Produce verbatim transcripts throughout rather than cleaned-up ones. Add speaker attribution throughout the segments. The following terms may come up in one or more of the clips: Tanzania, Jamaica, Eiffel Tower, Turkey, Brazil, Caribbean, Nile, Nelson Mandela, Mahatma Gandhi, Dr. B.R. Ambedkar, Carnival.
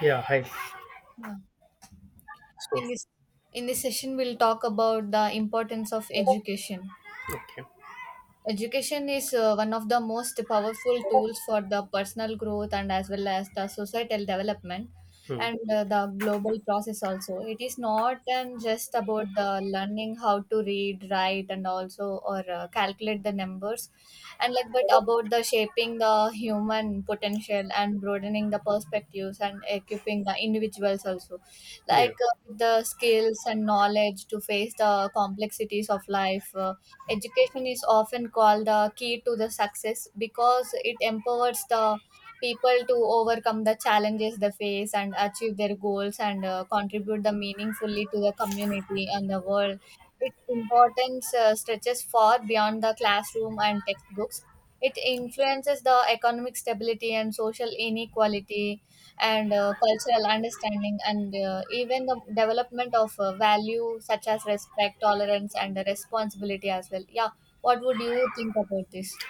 Speaker 1: Yeah, hi.
Speaker 2: Yeah.
Speaker 1: So,
Speaker 2: In this in this session, we'll talk about the importance of education.
Speaker 1: okay.
Speaker 2: Education is uh, one of the most powerful tools for the personal growth and as well as the societal development
Speaker 1: Hmm.
Speaker 2: and uh, the global process also. It is not um, just about the learning how to read, write, and also or uh, calculate the numbers, and like but about the shaping the human potential and broadening the perspectives and equipping the individuals also,
Speaker 1: Yeah.
Speaker 2: like uh, the skills and knowledge to face the complexities of life. uh, Education is often called the key to the success because it empowers the people to overcome the challenges they face and achieve their goals and uh, contribute the meaningfully to the community and the world. Its importance uh, stretches far beyond the classroom and textbooks. It influences the economic stability and social inequality and uh, cultural understanding and uh, even the development of uh, value such as respect tolerance and uh, responsibility as well. Yeah, what would you think about this?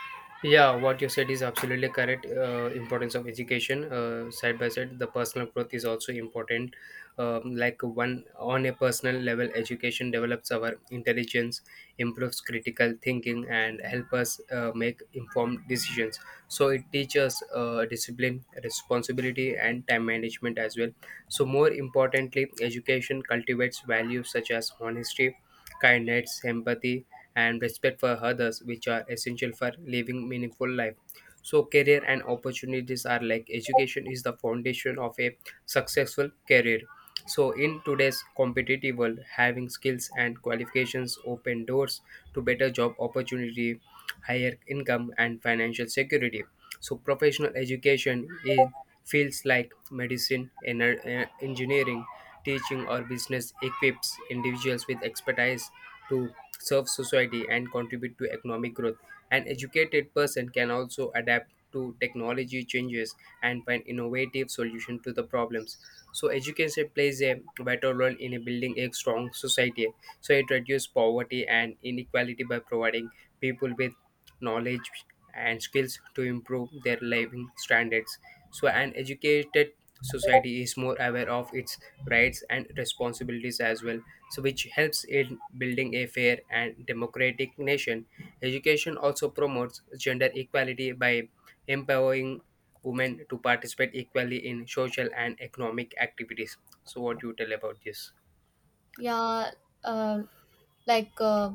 Speaker 1: Yeah, what you said is absolutely correct. Uh, importance of education, uh, side by side, the personal growth is also important. Um, like one on a personal level, education develops our intelligence, improves critical thinking, and help us uh, make informed decisions. So it teaches uh, discipline, responsibility, and time management as well. So more importantly, education cultivates values such as honesty kindness, empathy, and respect for others, which are essential for living meaningful life. So, career and opportunities are like education is the foundation of a successful career. So, in today's competitive world, having skills and qualifications open doors to better job opportunity, higher income, and financial security. So, professional education in fields like medicine, ener- eh, engineering, teaching or business equips individuals with expertise to serve society and contribute to economic growth. An educated person can also adapt to technology changes and find innovative solutions to the problems. So education plays a vital role in building a strong society. So it reduces poverty and inequality by providing people with knowledge and skills to improve their living standards. So an educated society is more aware of its rights and responsibilities as well, so which helps in building a fair and democratic nation. Education also promotes gender equality by empowering women to participate equally in social and economic activities. So what do you tell about this?
Speaker 2: Yeah. uh, like uh,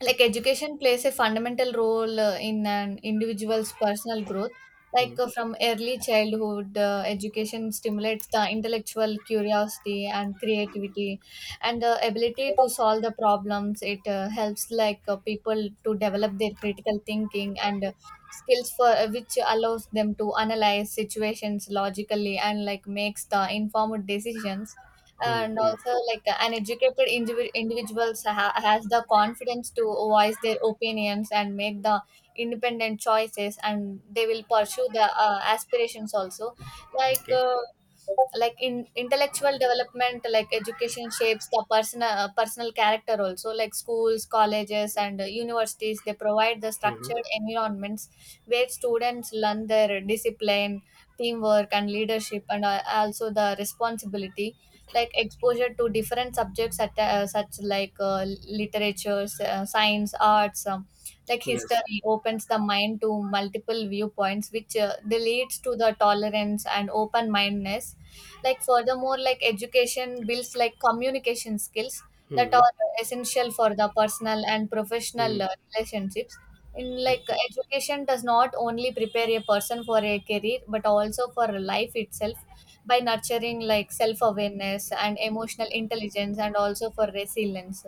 Speaker 2: like education plays a fundamental role uh, in an individual's personal growth, like
Speaker 1: Hmm,
Speaker 2: uh, from early childhood. Uh, education stimulates the intellectual curiosity and creativity and the ability to solve the problems. It uh, helps like uh, people to develop their critical thinking and uh, skills for uh, which allows them to analyze situations logically and like makes the informed decisions.
Speaker 1: hmm,
Speaker 2: And
Speaker 1: hmm.
Speaker 2: also, like an educated indivi- individuals ha- has the confidence to voice their opinions and make the independent choices, and they will pursue the uh, aspirations also. like
Speaker 1: Okay.
Speaker 2: uh, like in intellectual development, like education shapes the personal uh, personal character also. Like schools, colleges, and uh, universities, they provide the
Speaker 1: Hmm.
Speaker 2: structured environments where students learn their discipline, teamwork, and leadership and uh, also the responsibility. Like exposure to different subjects such, uh, such like uh, literature, s- uh, science, arts, um, like
Speaker 1: Yes.
Speaker 2: history opens the mind to multiple viewpoints, which uh, they leads to the tolerance and open mindedness. Like furthermore, like education builds like communication skills that
Speaker 1: Hmm.
Speaker 2: are essential for the personal and
Speaker 1: Hmm.
Speaker 2: professional uh, relationships. In like
Speaker 1: Okay.
Speaker 2: education does not only prepare a person for a career but also for life itself by nurturing like self awareness and emotional intelligence and also for resilience.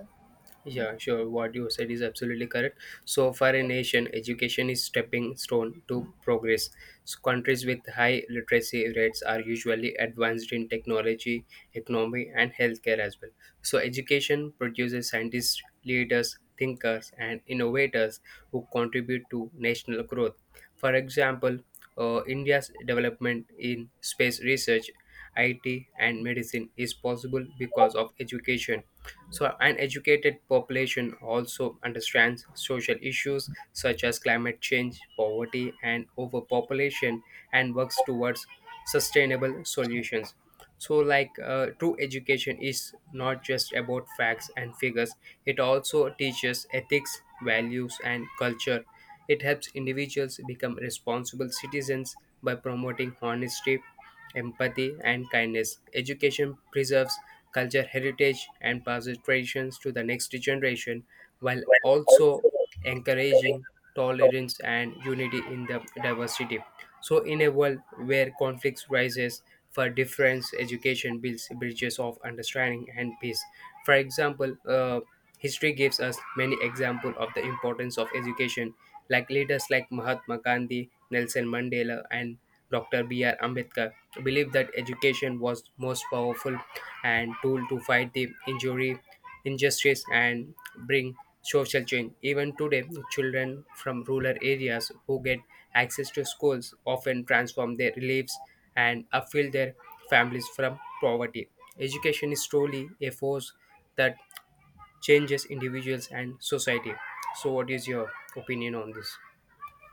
Speaker 1: Yeah, sure. What you said is absolutely correct. So, for a nation, education is stepping stone to progress. So countries with high literacy rates are usually advanced in technology, economy, and healthcare as well. So, education produces scientists, leaders, thinkers, and innovators who contribute to national growth. For example, uh, India's development in space research, I T, and medicine is possible because of education. So, an educated population also understands social issues such as climate change, poverty, and overpopulation and works towards sustainable solutions. So, like uh, true education is not just about facts and figures, it also teaches ethics, values, and culture. It helps individuals become responsible citizens by promoting honesty, empathy, and kindness. Education preserves culture, heritage, and past traditions to the next generation while also encouraging tolerance and unity in the diversity. So, in a world where conflicts rises for difference, education builds bridges of understanding and peace. For example, uh, history gives us many examples of the importance of education, like leaders like Mahatma Gandhi, Nelson Mandela, and Doctor B R. Ambedkar believed that education was most powerful and tool to fight the injury, injustice, and bring social change. Even today, children from rural areas who get access to schools often transform their lives and upfill their families from poverty. Education is truly a force that changes individuals and society. So, what is your opinion on this?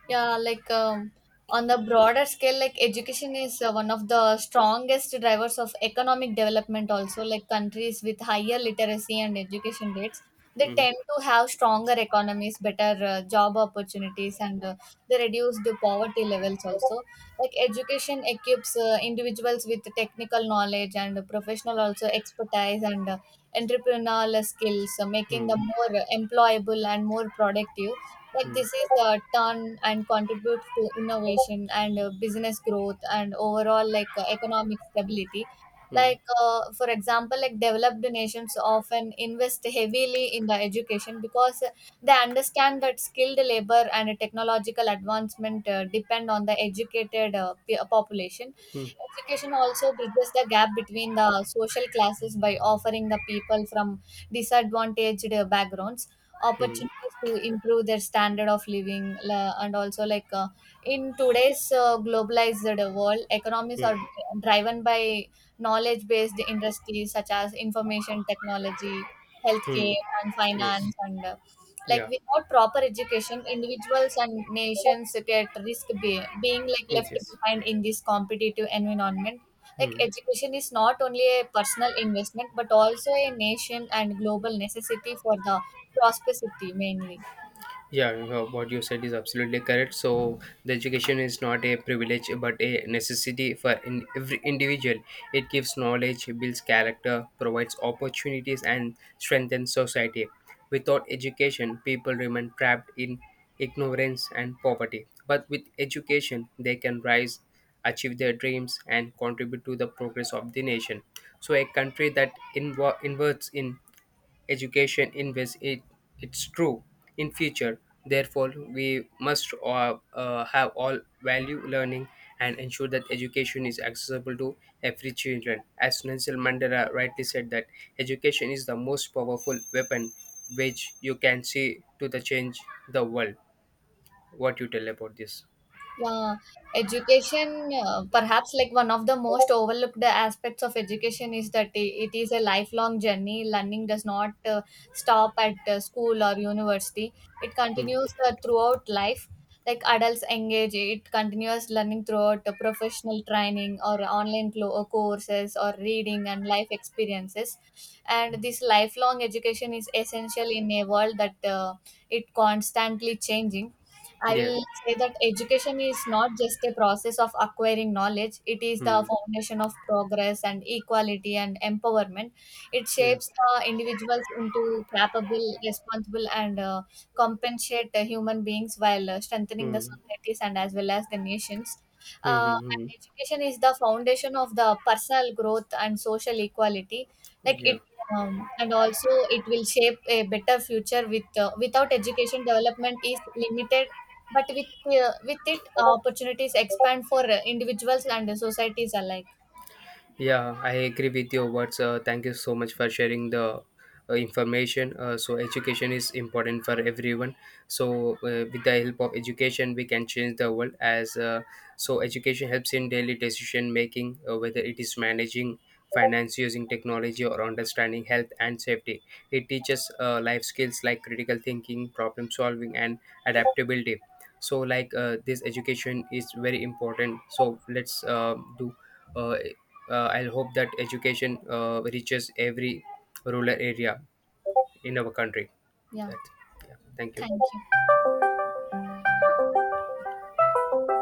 Speaker 2: Yeah, like um, on the broader scale, like education is uh, one of the strongest drivers of economic development. Also, like countries with higher literacy and education rates, they
Speaker 1: Mhm.
Speaker 2: tend to have stronger economies, better uh, job opportunities, and uh, they reduce the poverty levels. Also, like education equips uh, individuals with technical knowledge and professional also expertise and uh, entrepreneurial skills, uh, making
Speaker 1: Hmm.
Speaker 2: them more employable and more productive. Like this is uh, turn and contributes to innovation and uh, business growth and overall like uh, economic stability.
Speaker 1: Hmm. Hmm.
Speaker 2: Like uh, for example, like developed nations often invest heavily in the education because uh, they understand that skilled labor and technological advancement uh, depend on the educated uh, pe- population.
Speaker 1: Hmm.
Speaker 2: Education also bridges the gap between the social classes by offering the people from disadvantaged uh, backgrounds
Speaker 1: Hmm.
Speaker 2: opportunities to improve their standard of living. La- and also, like uh, in today's uh, globalized world, economies
Speaker 1: Hmm.
Speaker 2: are driven by knowledge based industries such as information technology,
Speaker 1: Hmm.
Speaker 2: healthcare, and
Speaker 1: Yes.
Speaker 2: finance, and uh, like
Speaker 1: Yeah.
Speaker 2: without proper education, individuals and nations get risk be- being like
Speaker 1: Yes,
Speaker 2: left
Speaker 1: yes.
Speaker 2: behind in this competitive environment. Like
Speaker 1: Hmm.
Speaker 2: education is not only a personal investment but also a nation and global necessity for the prosperity mainly.
Speaker 1: Yeah, you know, what you said is absolutely correct. So the education is not a privilege but a necessity for in every individual. It gives knowledge, builds character, provides opportunities, and strengthens society. Without education, people remain trapped in ignorance and poverty. But with education, they can rise, achieve their dreams, and contribute to the progress of the nation. So a country that invo- inverts in education invests it, it's true, in future. Therefore we must uh, uh, have all value learning and ensure that education is accessible to every children. As Nelson Mandela rightly said that education is the most powerful weapon which you can see to the change the world. What you tell about this?
Speaker 2: Yeah, education, uh, perhaps like one of the most overlooked aspects of education is that i- it is a lifelong journey. Learning does not uh, stop at uh, school or university, it
Speaker 1: Hmm.
Speaker 2: continues uh, throughout life. Like adults engage, it continues learning throughout uh, professional training or online clo- uh, courses or reading and life experiences. And this lifelong education is essential in a world that uh, it constantly changing. I
Speaker 1: Yes.
Speaker 2: will say that education is not just a process of acquiring knowledge, it is the
Speaker 1: Hmm.
Speaker 2: foundation of progress and equality and empowerment. It
Speaker 1: Yeah.
Speaker 2: shapes uh, individuals into capable, responsible, and uh, compensate uh, human beings while uh, strengthening the
Speaker 1: Hmm.
Speaker 2: societies and as well as the nations.
Speaker 1: Hmm,
Speaker 2: Uh,
Speaker 1: hmm,
Speaker 2: and
Speaker 1: hmm.
Speaker 2: education is the foundation of the personal growth and social equality. Like
Speaker 1: Yeah.
Speaker 2: it um, and also it will shape a better future. With uh, without education development is limited, but with uh, with it uh, opportunities expand for uh, individuals and uh, societies alike.
Speaker 1: Yeah, I agree with your words. Uh, thank you so much for sharing the uh, information. Uh, so education is important for everyone. So uh, with the help of education, we can change the world. As uh, so, education helps in daily decision making, uh, whether it is managing finance using technology or understanding health and safety. It teaches uh, life skills like critical thinking, problem solving, and adaptability. So, like uh, this education is very important. So let's uh, do. Uh, uh, I'll hope that education uh, reaches every rural area in our country.
Speaker 2: Yeah,
Speaker 1: That, yeah, thank you.
Speaker 2: thank you.